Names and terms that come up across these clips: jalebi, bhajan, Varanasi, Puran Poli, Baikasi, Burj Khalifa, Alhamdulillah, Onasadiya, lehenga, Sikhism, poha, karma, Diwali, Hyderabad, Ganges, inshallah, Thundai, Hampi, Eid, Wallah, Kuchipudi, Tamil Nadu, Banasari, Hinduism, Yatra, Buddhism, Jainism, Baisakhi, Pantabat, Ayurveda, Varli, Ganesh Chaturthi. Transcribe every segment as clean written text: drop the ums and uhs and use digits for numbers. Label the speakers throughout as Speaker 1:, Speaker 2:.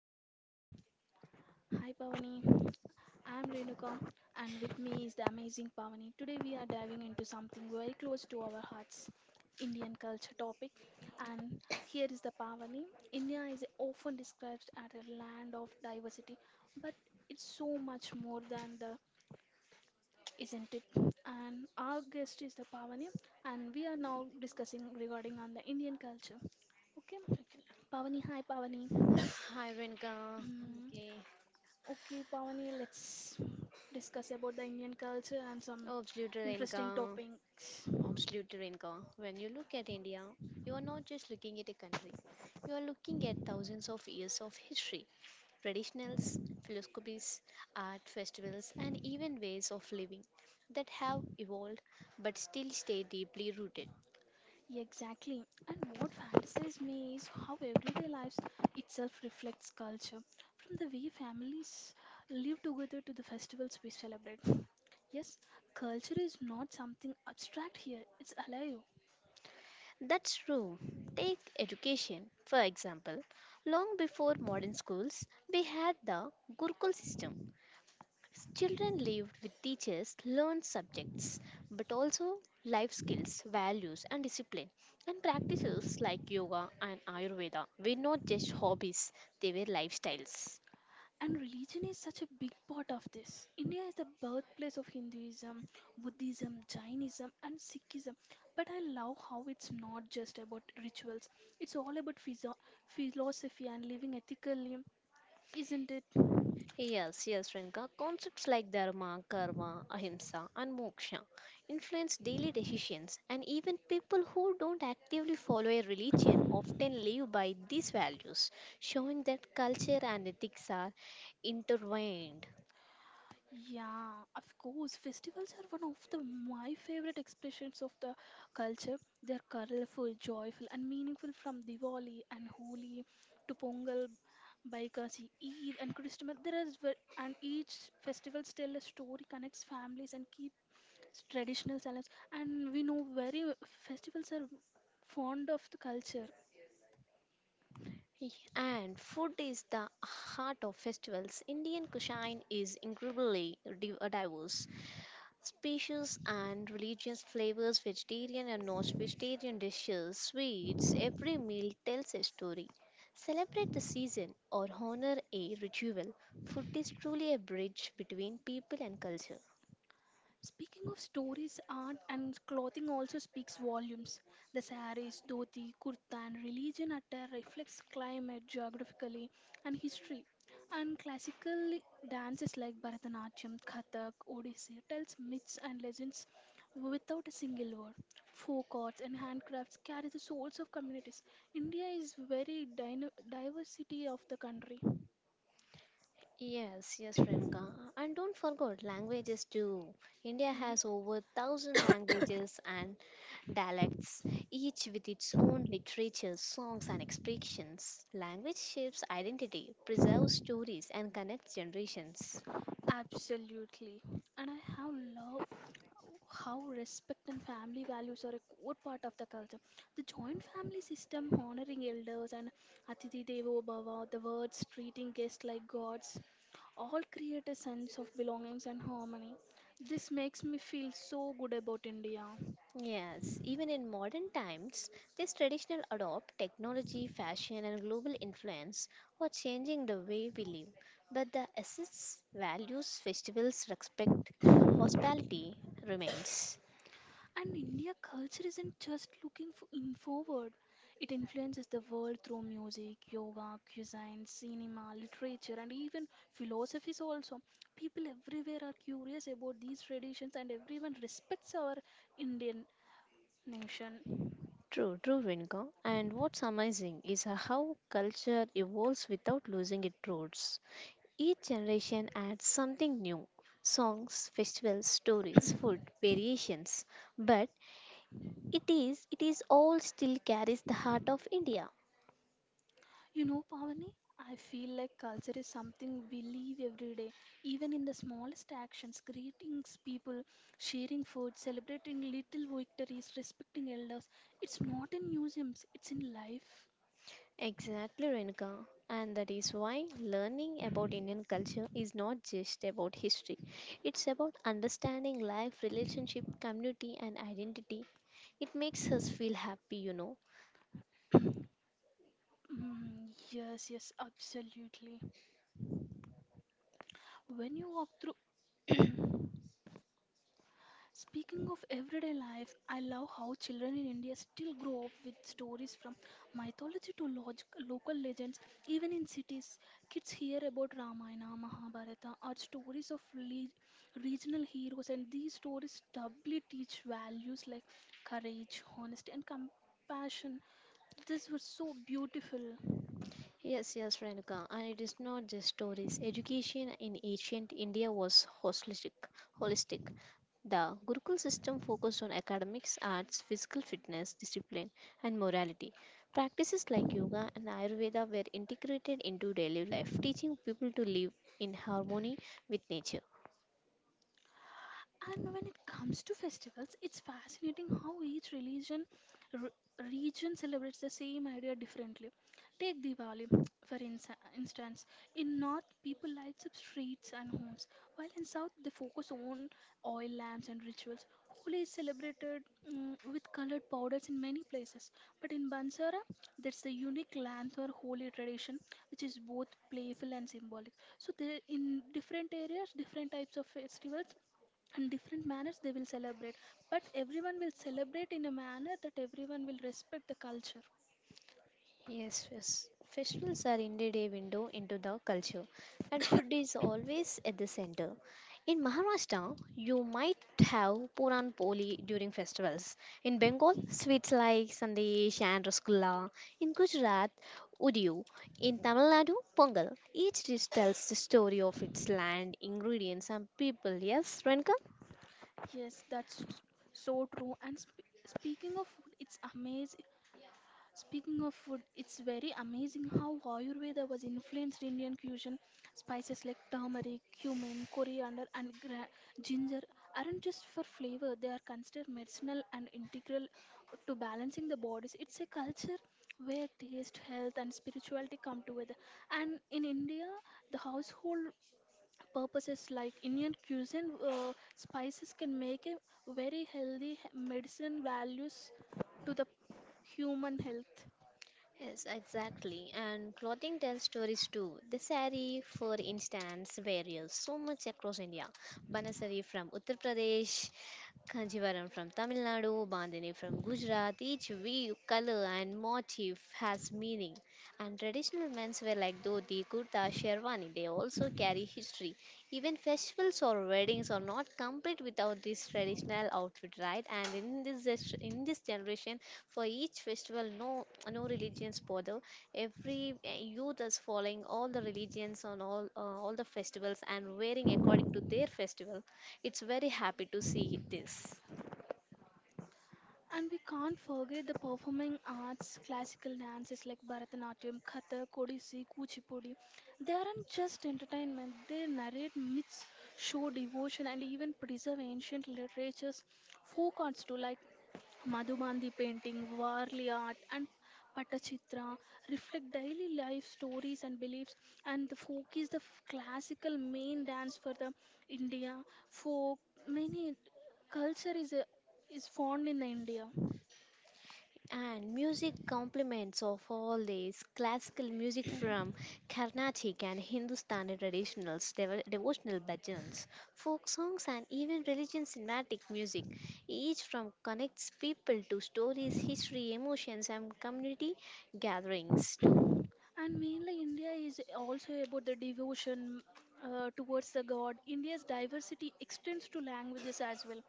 Speaker 1: everyone. Hi Pavani. I am Renuka and with me is the amazing Pavani. Today we are diving into something very close to our hearts, Indian culture topic. And here is the Pavani. India is often described as a land of diversity, but it's so much more than the isn't it? And our guest is the Pavani and we are now discussing regarding on the Indian culture. Okay, Pavani, hi Pavani.
Speaker 2: Hi, Renka.
Speaker 1: Mm,
Speaker 2: Okay.
Speaker 1: okay, Pavani, let's discuss about the Indian culture and some
Speaker 2: Absolute
Speaker 1: interesting
Speaker 2: Renka.
Speaker 1: topics.
Speaker 2: Absolute Renka. When you look at India, you are not just looking at a country, you are looking at thousands of years of history, traditionals, philosophies, art festivals, and even ways of living that have evolved but still stay deeply rooted.
Speaker 1: Exactly. And what fantasizes me is how everyday lives itself reflects culture, from the way families live together to the festivals we celebrate. Yes, culture is not something abstract here, it's alive.
Speaker 2: That's true. Take education, for example. Long before modern schools, we had the Gurukul system. Children lived with teachers learned subjects, but also life skills, values, and discipline. And practices like yoga and Ayurveda were not just hobbies, they were lifestyles.
Speaker 1: And religion is such a big part of this. India is the birthplace of Hinduism, Buddhism, Jainism, and Sikhism. But I love how it's not just about rituals, it's all about philosophy and living ethically, isn't it?
Speaker 2: Yes, yes, Renka. Concepts like dharma, karma, ahimsa, and moksha influence daily decisions, and even people who don't actively follow a religion often live by these values, showing that culture and ethics are intertwined.
Speaker 1: Yeah, of course. Festivals are one of the my favorite expressions of the culture. They're colorful, joyful, and meaningful from Diwali and Holi to Pongal, Baikasi, Eid, and Christmas. And each festivals tell a story, connects families, and keeps traditional values. And we know festivals are fond of the culture.
Speaker 2: And food is the heart of festivals. Indian cuisine is incredibly diverse. Species and religious flavors, vegetarian and non-vegetarian dishes, sweets, every meal tells a story. Celebrate the season or honor a ritual. Food is truly a bridge between people and culture.
Speaker 1: Speaking of stories, art and clothing also speaks volumes. The saris, dhoti, kurta, and religion attire reflects climate, geographically, and history. And classical dances like Bharatanatyam, Kathak, Odissi tells myths and legends without a single word. Folk arts and handcrafts carry the souls of communities. India is very diversity of the country.
Speaker 2: Yes, yes, Renka. And don't forget languages too. India
Speaker 1: Ye-
Speaker 2: has over thousand languages and dialects, each with its own literature, songs, and expressions. Language shapes identity, preserves stories, and connects generations.
Speaker 1: Absolutely. And I have love how respect and family values are a core part of the culture. The joint family system honoring elders and atithi Devo Bhava, the words treating guests like gods, all create a sense of belongings and harmony. This makes me feel so good about India.
Speaker 2: Yes, even in modern times, this traditional adopt technology, fashion, and global influence for changing the way we live. But the essence, values, festivals, respect, hospitality remains.
Speaker 1: And India culture isn't just looking for in forward. It influences the world through music, yoga, cuisine, cinema, literature, and even philosophies also. People everywhere are curious about these traditions and everyone respects our Indian nation.
Speaker 2: True, true, Vinka. And what's amazing is how culture evolves without losing its roots. Each generation adds something new songs, festivals, stories, food, variations. But it is all still carries the heart of India.
Speaker 1: You know, Pavani, I feel like culture is something we live every day, even in the smallest actions greetings, people, sharing food, celebrating little victories, respecting elders. It's not in museums, it's in life.
Speaker 2: Exactly, Renuka. And that is why learning about Indian culture is not just about history. It's about understanding life, relationship, community, and identity. It makes us feel happy, you know.
Speaker 1: Mm, yes, yes, absolutely. When you walk through. Speaking of everyday life, I love how children in India still grow up with stories from mythology to local legends. Even in cities, kids hear about Ramayana, Mahabharata, or stories of regional heroes, and these stories doubly teach values like courage, honesty, and compassion. These were so beautiful.
Speaker 2: Yes, yes, Renuka. And it is not just stories. Education in ancient India was holistic. The Gurukul system focused on academics, arts, physical fitness, discipline, and morality. Practices like yoga and Ayurveda were integrated into daily life, teaching people to live in harmony with nature.
Speaker 1: And when it comes to festivals, it's fascinating how each region celebrates the same idea differently. Take Diwali, for instance. In North, people light up streets and homes, while in South, they focus on oil lamps and rituals. Holi is celebrated with colored powders in many places, but in Bansara, that's the unique lamp or holy tradition, which is both playful and symbolic. So, there in different areas, different types of festivals and different manners they will celebrate, but everyone will celebrate in a manner that everyone will respect the culture.
Speaker 2: Yes, yes. Festivals are indeed a window into the culture, and food is always at the center. In Maharashtra, you might have Puran Poli during festivals. In Bengal, sweets like Sandesh and Rasgulla. In Gujarat, Udiyu. In Tamil Nadu, Pongal. Each dish tells the story of its land, ingredients, and people. Yes, Renka?
Speaker 1: Yes, that's so true and speaking of food it's amazing. Speaking of food, it's very amazing how Ayurveda was influenced Indian cuisine. Spices like turmeric, cumin, coriander, and ginger aren't just for flavor, they are considered medicinal and integral to balancing the bodies. It's a culture where taste, health, and spirituality come together. And in India, the household purposes like Indian cuisine, spices can make a very healthy medicine values to the human health.
Speaker 2: Yes, exactly. And clothing tells stories too. The sari, for instance, varies so much across India. Banasari from Uttar Pradesh, Kanjivaram from Tamil Nadu, Bandhani from Gujarat. Each weave, color, and motif has meaning. And traditional menswear like dhoti, kurta, sherwani, they also carry history. Even festivals or weddings are not complete without this traditional outfit, right? And in this in this generation, for each festival, no religions bother. Every youth is following all the religions on all the festivals and wearing according to their festival. It's very happy to see this.
Speaker 1: And we can't forget the performing arts, classical dances like Bharatanatyam, Kathak, Odissi, Kuchipudi. They aren't just entertainment, they narrate myths, show devotion, and even preserve ancient literature's folk arts too, like Madhubandi painting, Varli art, and Patachitra, reflect daily life stories and beliefs. And the folk is the classical main dance for the India folk. Many culture is found in the India.
Speaker 2: And music complements of all these classical music from Carnatic and Hindustani traditionals, devotional bhajans, folk songs, and even religion cinematic music. Each from connects people to stories, history, emotions, and community gatherings too.
Speaker 1: And mainly, India is also about the devotion towards the God. India's diversity extends to languages as well.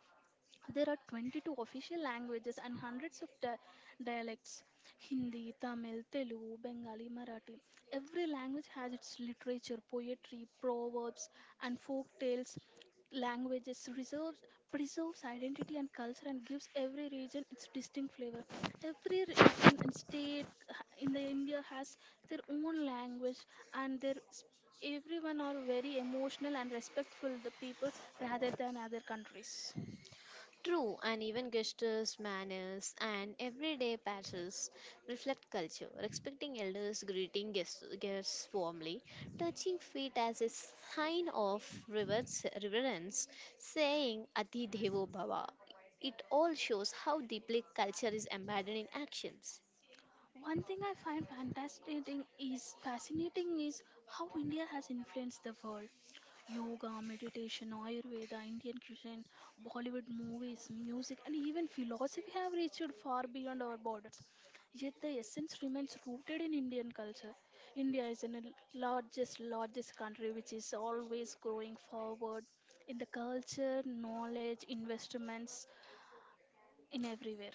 Speaker 1: There are 22 official languages and hundreds of dialects Hindi, Tamil, Telugu, Bengali, Marathi. Every language has its literature, poetry, proverbs, and folk tales languages reserves preserves identity and culture and gives every region its distinct flavor. Every region and state in the India has their own language and their everyone are very emotional and respectful the people rather than other countries.
Speaker 2: True, uneven gestures, manners, and everyday patterns reflect culture. Respecting elders, greeting guests, guests warmly, touching feet as a sign of reverence, saying Ati Devo Bhava. It all shows how deeply culture is embedded in actions.
Speaker 1: One thing I find fantastic is fascinating is how India has influenced the world. Yoga, meditation, Ayurveda, Indian cuisine, Bollywood movies, music, and even philosophy have reached far beyond our borders. Yet the essence remains rooted in Indian culture. India is in the largest, largest country which is always growing forward in the culture, knowledge, investments, in everywhere.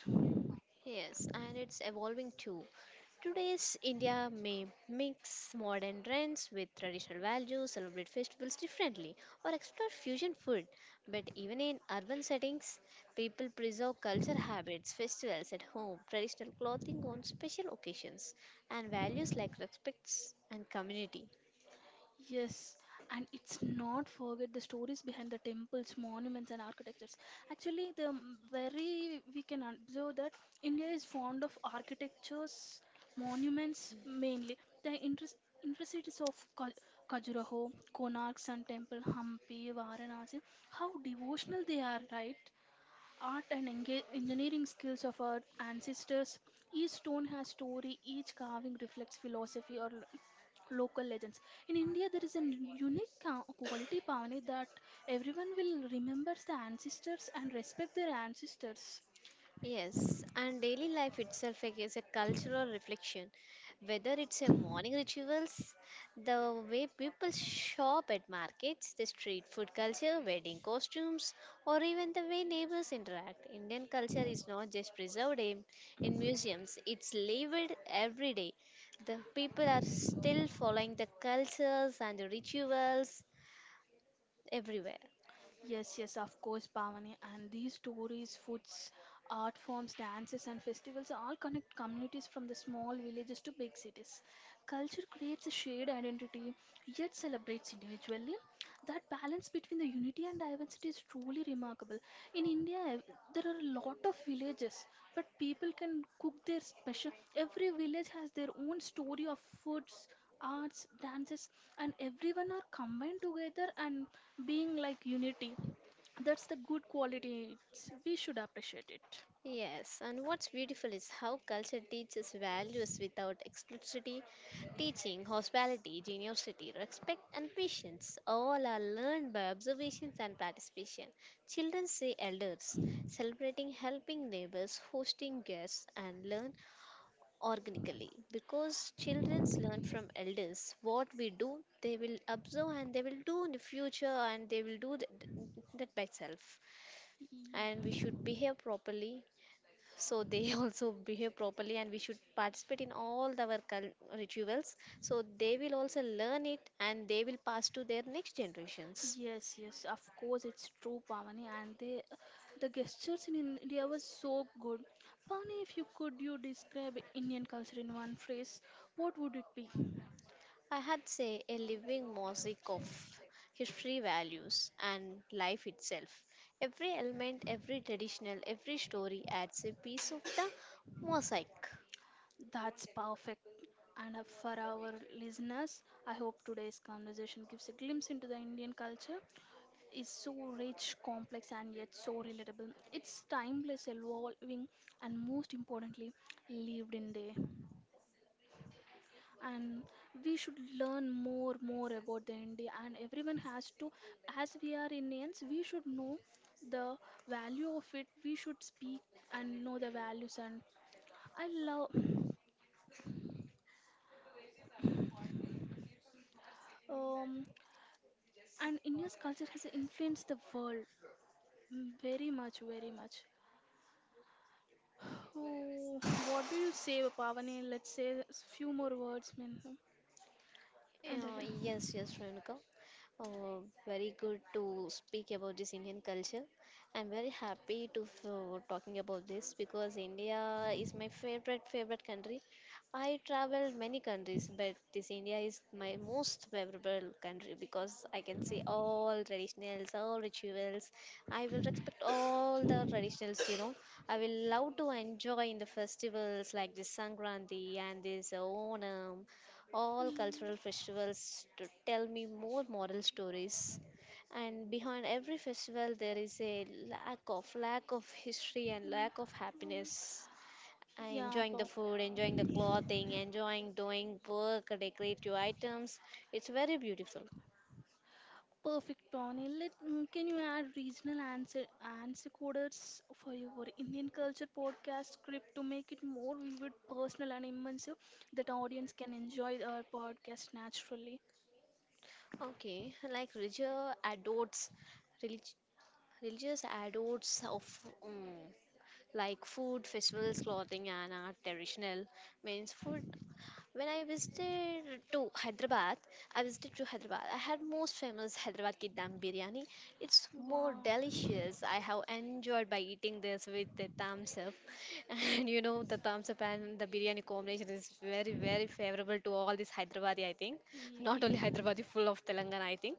Speaker 2: Yes, and it's evolving too. Today's India may mix modern trends with traditional values, celebrate festivals differently, or explore fusion food. But even in urban settings, people preserve culture habits, festivals at home, traditional clothing on special occasions, and values like respect and community.
Speaker 1: Yes, and it's not forget the stories behind the temples, monuments, and architectures. Actually, very we can observe that India is fond of architectures, monuments mainly. The interest intricacies of Khajuraho, Konark Sun Temple, Hampi, Varanasi, how devotional they are, right? Art and engineering skills of our ancestors. Each stone has story. Each carving reflects philosophy or local legends. In India, there is a unique quality, Pavani, that everyone will remembers the ancestors and respect their ancestors.
Speaker 2: Yes, and daily life itself is a cultural reflection. Whether it's a morning rituals, the way people shop at markets, the street food culture, wedding costumes, or even the way neighbors interact, Indian culture is not just preserved in museums, it's lived every day. The people are still following the cultures and the rituals everywhere.
Speaker 1: Yes, yes, of course, Bhavani. And these stories, foods, art forms, dances, and festivals all connect communities from the small villages to big cities. Culture creates a shared identity, yet celebrates individually. That balance between the unity and diversity is truly remarkable. In India, there are a lot of villages, but people can cook their special. Every village has their own story of foods, arts, dances, and everyone are combined together and being like unity. That's the good quality, it's, we should appreciate it.
Speaker 2: Yes, and what's beautiful is how culture teaches values without explicitly teaching hospitality, generosity, respect, and patience. All are learned by observations and participation. Children see elders, celebrating helping neighbors, hosting guests, and learn organically. Because children learn from elders what we do, they will observe and they will do in the future, and they will do that by self. And we
Speaker 1: Ye-
Speaker 2: should behave properly so they also behave properly and we should participate in all our rituals so they will also learn it and they will pass to their next generations.
Speaker 1: yes, yes, of course, it's true, Pavani. And they, the gestures in India was so good. Pavani, if you could you describe Indian culture in one phrase, what would it be?
Speaker 2: I had say a living mosaic of history, values, and life itself. Every element, every traditional, every story adds a piece of the mosaic.
Speaker 1: That's perfect. And for our listeners, I hope today's conversation gives a glimpse into the Indian culture is so rich, complex, and yet so relatable. It's timeless, evolving, and most importantly, lived in day. And we should learn more about the India. And everyone has to, as we are Indians, we should know the value of it. We should speak and know the values. And I love, um, and India's culture has influenced the world very much, very much. Oh, what do you say, Pavani? Let's say a few more words, mean, and
Speaker 2: Yeah, yes, Renuka. Uh, Very good to speak about this Indian culture. I'm very happy to talking about this because India is my favorite country. I traveled many countries, but this India is my most favorable country because I can see all traditionals, all rituals. I will respect all the traditionals, you know. I will love to enjoy in the festivals like this Sankranti and this Onam, all
Speaker 1: mm. Mm,
Speaker 2: cultural festivals to tell me more moral stories, and behind every festival there is a lack of history and lack of
Speaker 1: um,
Speaker 2: happiness. I
Speaker 1: yeah,
Speaker 2: enjoying the food, enjoying the clothing, enjoying doing work decorative items. It's very beautiful.
Speaker 1: perfect, Tony. Can you add regional answer coders for your Indian culture podcast script to make it more vivid, personal, and immersive that audience can enjoy our podcast naturally?
Speaker 2: Okay, like religious adults, relig- religious adults of mm like food, festivals, clothing, and art traditional means food. When I visited to Hyderabad, I visited to Hyderabad. I had most famous Hyderabad ki dam biryani. It's more
Speaker 1: Wow. Ye-
Speaker 2: delicious. I have enjoyed by eating this with the thumbs up, and you know the thumbs up and the biryani combination is very favorable to all this Hyderabadi. I think not only Hyderabadi, full of Telangana. I think,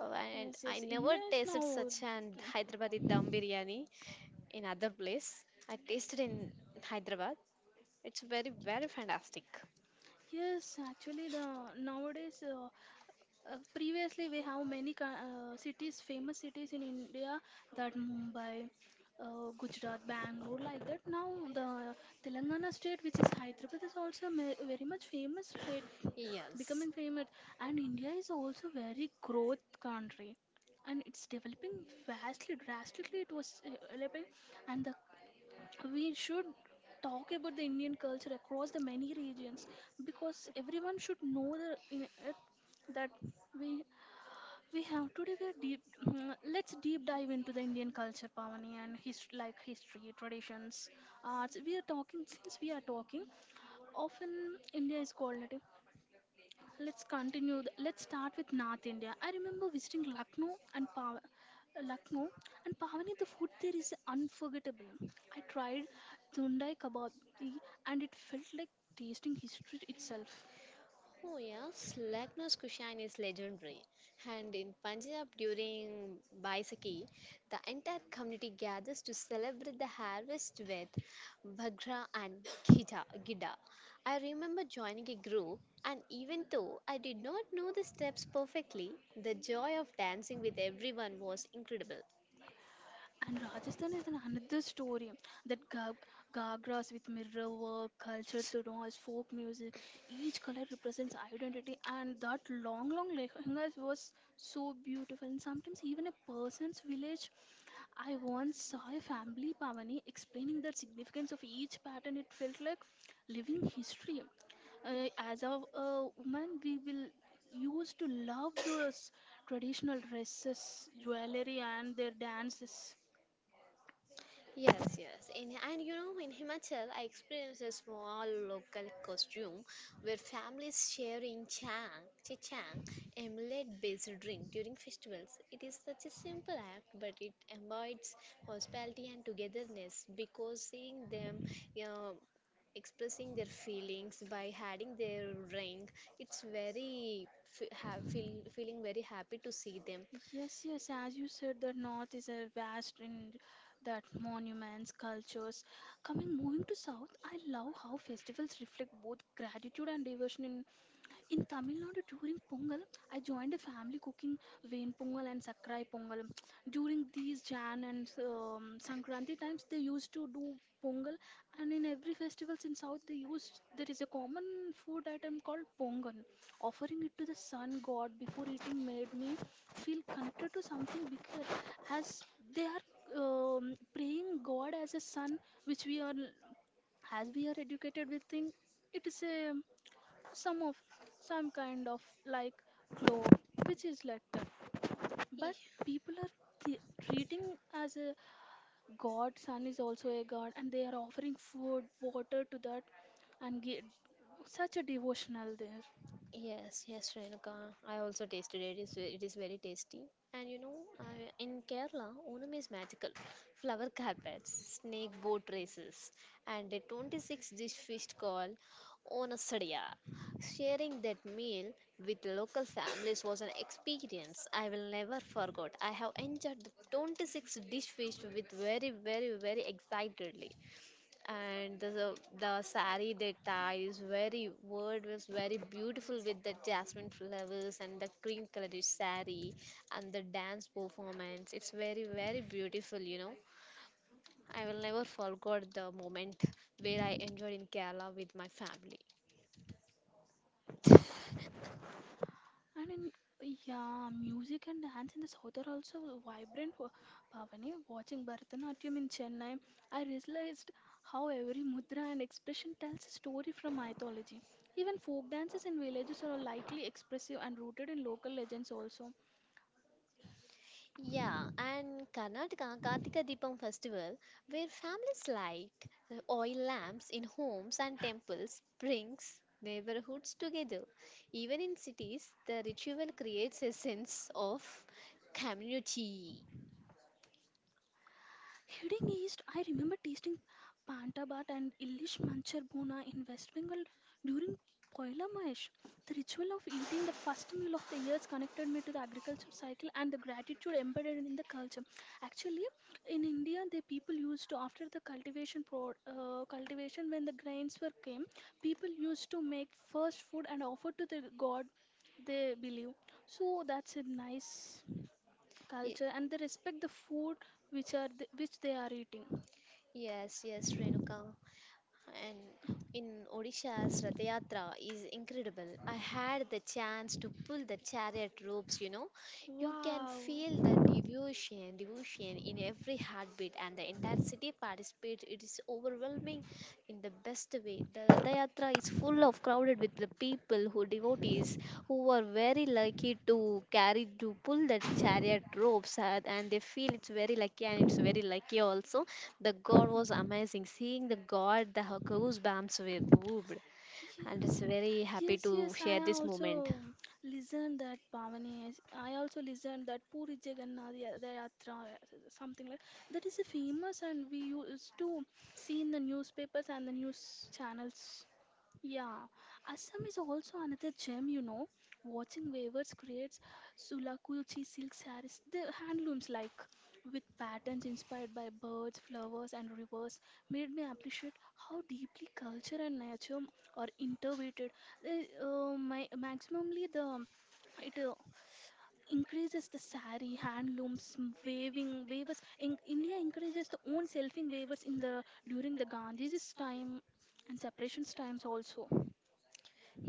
Speaker 2: oh, and
Speaker 1: Yes,
Speaker 2: I
Speaker 1: yes.
Speaker 2: never
Speaker 1: India is
Speaker 2: tasted
Speaker 1: now.
Speaker 2: such an Hyderabadi dam biryani in other place. I tasted in Hyderabad. It's very, very fantastic.
Speaker 1: Yes, actually, the nowadays, previously we have many cities, famous cities in India, that Mumbai, Gujarat, Bangalore, like that. Now the Telangana state, which is Hyderabad, is also very much famous, right?
Speaker 2: Yes.
Speaker 1: Becoming famous, and India is also very growth country and it's developing vastly, drastically it was developing. And we should talk about the Indian culture across the many regions, because everyone should know the, in it, that we we have today we are deep. Let's deep dive into the Indian culture, Pavani, and his like history, traditions, arts. We are talking, since we are talking often, India is called it. Let's continue. Let's start with North India. I remember visiting Lucknow and Pavani. The food there is unforgettable. I tried Thundai kebab and it felt like tasting history itself.
Speaker 2: Oh yes, Lucknow's cuisine is legendary. And in Punjab during Baisakhi, the entire community gathers to celebrate the harvest with Bhagra and Gida. I remember joining a group and even though I did not know the steps perfectly, the joy of dancing with everyone was incredible.
Speaker 1: And Rajasthan is another story. That gagras with mirror work, culture through noise, folk music. Each color represents identity, and that long, long lehengas was so beautiful. And sometimes even a person's village, I once saw a family, Pavani, explaining the significance of each pattern. It felt like living history. As a woman, we will used to love those traditional dresses, jewelry, and their dances.
Speaker 2: Yes, yes. In, and you know, in Himachal, I experienced a small local costume where families share in chichang, a millet-based drink during festivals. It is such a simple act, but it embodies hospitality and togetherness because seeing them, you know, expressing their feelings by adding their drink, it's very f ha feeling very happy to see them.
Speaker 1: Yes, yes, as you said, the North is a vast in that monuments, cultures. Coming Moving to South, I love how festivals reflect both gratitude and devotion. In Tamil Nadu during Pongal, I joined a family cooking Vain Pongal and Sakrai Pongal. During these Jan and Sankranti times, they used to do Pongal, and in every festivals in South, they used there is a common food item called Pongal. Offering it to the sun god before eating made me feel connected to something bigger, as they are praying God as a sun, which we are as we are educated with think it is a some of some kind of like globe which is like that, but people
Speaker 2: Yeah.
Speaker 1: are treating as a god. Sun is also a god and they are offering food water to that and get such a devotional there.
Speaker 2: Yes, yes, Renuka. I also tasted it. It is, it is very tasty. And you know, I, in Kerala, Onam is magical. Flower carpets, snake boat races, and a 26 dish fish called Onasadiya. Sharing that meal with local families was an experience I will never forget. I have enjoyed the 26 dish fish with very, very, very excitedly, and the sari they tie is very word was very beautiful with the jasmine flowers and the cream colored sari and the dance performance. It's very very beautiful, you know. I will never forget the moment where I enjoyed in Kerala with my family.
Speaker 1: And in, yeah, music and dance in the south are also vibrant. Pavani, watching Bharatanatyam in Chennai, I realized how every mudra and expression tells a story from mythology. Even folk dances in villages are likely expressive and rooted in local legends also.
Speaker 2: Yeah, and Karnataka Kartika Deepam festival, where families light oil lamps in homes and temples, brings neighborhoods together. Even in cities, the ritual creates a sense of community.
Speaker 1: Heading east, I remember tasting Pantabat and Ilish Manchar Bhuna in West Bengal during Poila Mahesh. The ritual of eating the first meal of the years connected me to the agriculture cycle and the gratitude embedded in the culture. Actually, in India, the people used to after the cultivation when the grains were came, people used to make first food and offer to the god they believe. So that's a nice
Speaker 2: Ye-
Speaker 1: culture and they respect the food which they are eating.
Speaker 2: Yes, yes, Renuka. And in Odisha's Rath Yatra is incredible. I had the chance to pull the chariot ropes, you know. You can
Speaker 1: Wow.
Speaker 2: feel the devotion in every heartbeat and the entire city participates. It is overwhelming in the best way. The Yatra is full of crowded with the people who devotees who are very lucky to carry to pull the chariot ropes and they feel it's very lucky and it's very lucky also. The God was amazing. Seeing the God, the goosebumps were moved
Speaker 1: Yes,
Speaker 2: and it's very happy
Speaker 1: yes, yes,
Speaker 2: to
Speaker 1: I
Speaker 2: share this
Speaker 1: also
Speaker 2: moment.
Speaker 1: listened that I also listened that puri jagannath the yatra or something like that is a famous and we used to see in the newspapers and the news channels. Yeah, Assam is also another gem, you know. Watching weavers creates sulakuchi silk sarees, the handlooms like with patterns inspired by birds, flowers, and rivers, made me appreciate how deeply culture and nature are intertwined. They, my maximally the it increases the sari handlooms m- waving weavers. In, india encourages the own selfing weavers in the during the gandhi's time and separations times also.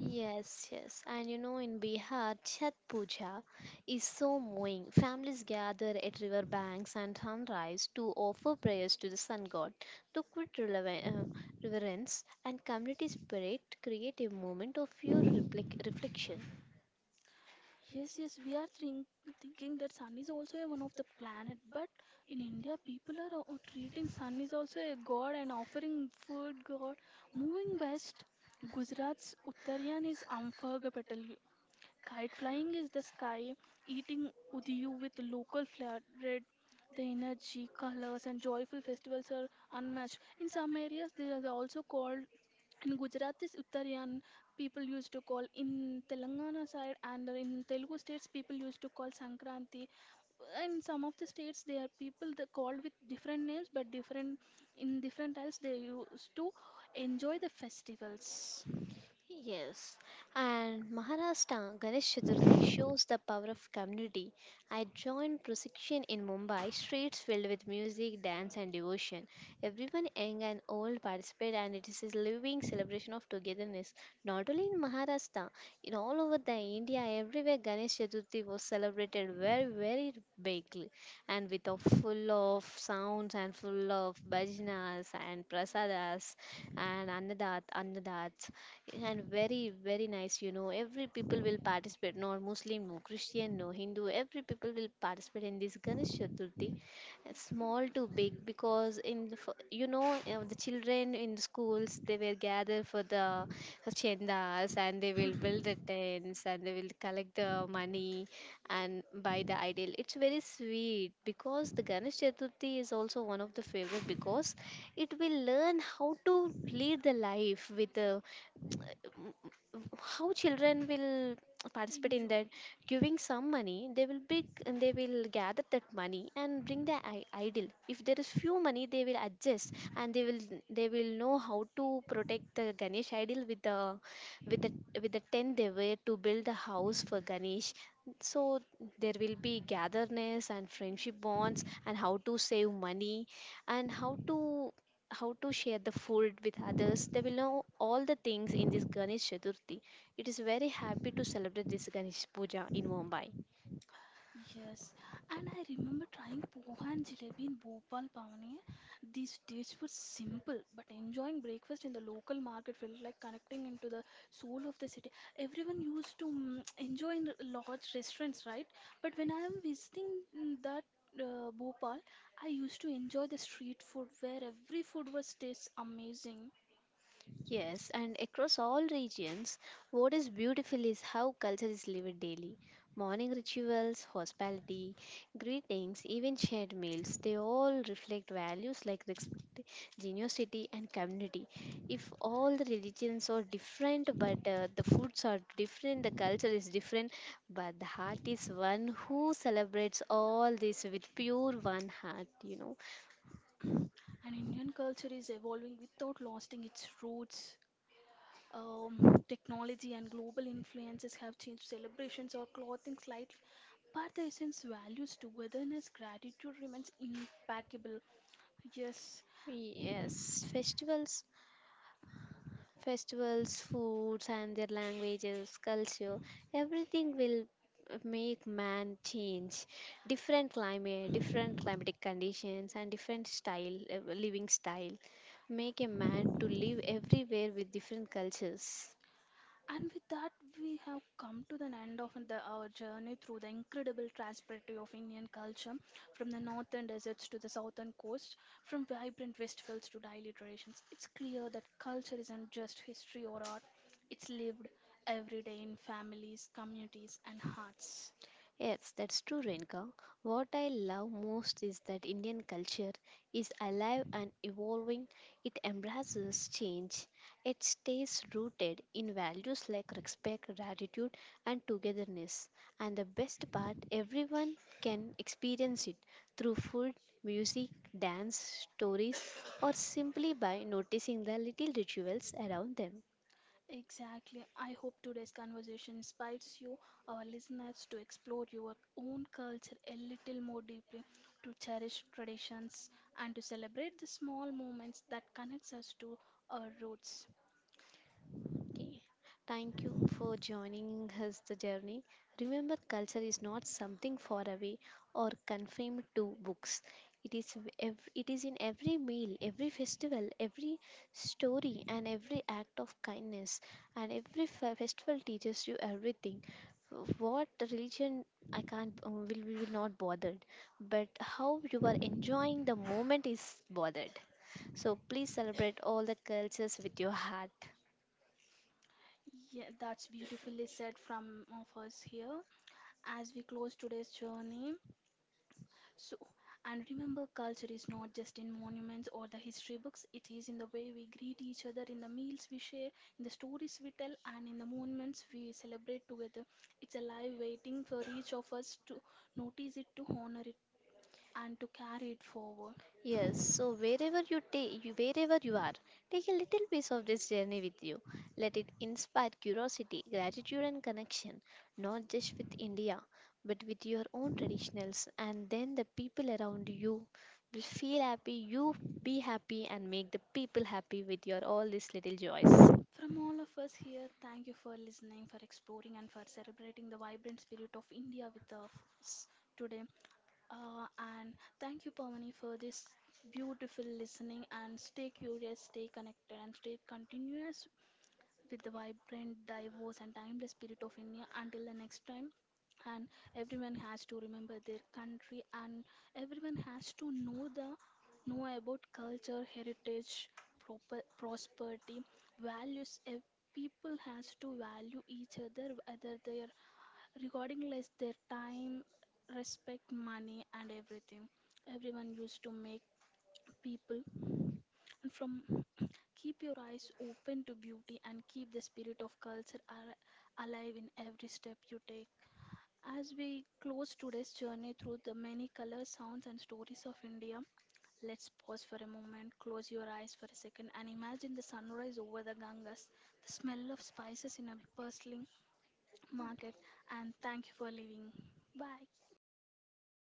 Speaker 2: Yes, yes. And you know, in Bihar, Chhat Puja is so moving. Families gather at river banks and sunrise to offer prayers to the sun god. To quit reverence and community spirit create a moment of pure reflection.
Speaker 1: Yes, yes, thinking that sun is also a one of the planet, but in India, people are treating sun is also a god and offering food god. Moving west, Gujarat's Uttarayan is unforgettable. Kite flying is the sky, eating udiyu with local flair bread. The energy, colors, and joyful festivals are unmatched. In some areas, they are also called in Gujarat is Uttarayan, people used to call in Telangana side and in Telugu states people used to call Sankranti. In some of the states they are people they called with different names but different in different times they used to enjoy the festivals.
Speaker 2: Yes, and Maharashtra Ganesh Chaturthi shows the power of community. I joined procession in Mumbai, streets filled with music, dance, and devotion. Everyone, young and old, participate, and it is a living celebration of togetherness. Not only in Maharashtra, in all over the India, everywhere Ganesh Chaturthi was celebrated very, very bigly, and with a full of sounds and full of bhajanas and prasadas and annadats, and very, very nice, you know. Every people will participate, no Muslim, no Christian, no Hindu, every people will participate in this Ganesh Chaturthi, small to big, because in the, you know, the children in the schools, they were gather for the chendas and they will build the tents and they will collect the money and buy the idol. It's very sweet because the Ganesh Chaturthi is also one of the favorite because it will learn how to lead the life with how children will participate in
Speaker 1: Enjoy.
Speaker 2: that giving some money they will big they will gather that money and bring the idol. If there is few money they will adjust and they will know how to protect the Ganesh idol with the with the with the tent they were to build a house for Ganesh. So there will be gatherness and friendship bonds and how to save money and how to share the food with others. They will know all the things in this Ganesh Chaturthi. It is very happy to celebrate this Ganesh Puja in Mumbai.
Speaker 1: Yes, and I remember trying poha and jalebi in Bhopal, Pavani. These tastes were simple, but enjoying breakfast in the local market felt like connecting into the soul of the city. Everyone used to enjoy in large restaurants, right? But when I am visiting mm, that Bhopal, I used to enjoy the street food where every food was tastes amazing.
Speaker 2: Yes, and across all regions, what is beautiful is how culture is lived daily. Morning rituals, hospitality, greetings, even shared meals, they all reflect values like respect, generosity, and community. If all the religions are different, but the foods are different, the culture is different, but the heart is one who celebrates all this with pure one heart, you know.
Speaker 1: And Indian culture is evolving without losing its roots. Technology and global influences have changed celebrations or clothing slightly, but the essence values togetherness, gratitude remains impeccable. Yes,
Speaker 2: Yes, festivals Festivals, foods, and their languages, culture, everything will make man change. Different climate, different climatic conditions, and different style, living style, make a man to live everywhere with different cultures.
Speaker 1: and with that, we have come to the end of our journey through the incredible prosperity of Indian culture, from the northern deserts to the southern coast, from vibrant festivals to daily traditions. It's clear that culture isn't just history or art; it's lived every day in families, communities, and hearts.
Speaker 2: Yes, that's true, Renka. What I love most is that Indian culture is alive and evolving. It embraces change. It stays rooted in values like respect, gratitude, and togetherness. And the best part, everyone can experience it through food, music, dance, stories, or simply by noticing the little rituals around them.
Speaker 1: Exactly. I hope today's conversation inspires you, our listeners, to explore your own culture a little more deeply, to cherish traditions, and to celebrate the small moments that connects us to our roots.
Speaker 2: Okay. Thank you for joining us the journey. Remember, culture is not something far away or confined to books. It is it is in every meal, every festival, every story, and every act of kindness. And every festival teaches you everything. What religion I can't will not bothered, but how you are enjoying the moment is bothered. So please celebrate all the cultures with your heart.
Speaker 1: Yeah, that's beautifully said from of us here. As we close today's journey, so, and remember, culture is not just in monuments or the history books, it is in the way we greet each other, in the meals we share, in the stories we tell, and in the moments we celebrate together. It's alive, waiting for each of us to notice it, to honor it, and to carry it forward.
Speaker 2: Yes, so wherever you take you, wherever you are, take a little piece of this journey with you. Let it inspire curiosity, gratitude and connection, not just with India, but with your own traditionals and then the people around you will feel happy, you be happy and make the people happy with your all these little joys.
Speaker 1: From all of us here, thank you for listening, for exploring, and for celebrating the vibrant spirit of India with us today. Uh, and thank you, Pavani, for this beautiful listening. And stay curious, stay connected, and stay continuous with the vibrant, diverse, and timeless spirit of India. Until the next time. And everyone has to remember their country, and everyone has to know about culture, heritage, proper, prosperity, values. People has to value each other, whether they are regarding less their time respect money and everything everyone used to make people and from keep your eyes open to beauty and keep the spirit of culture alive in every step you take. As we close today's journey through the many colors sounds and stories of india, let's pause for a moment, close your eyes for a second and imagine the sunrise over the ganges, the smell of spices in a bustling market. And thank you for living. Bye.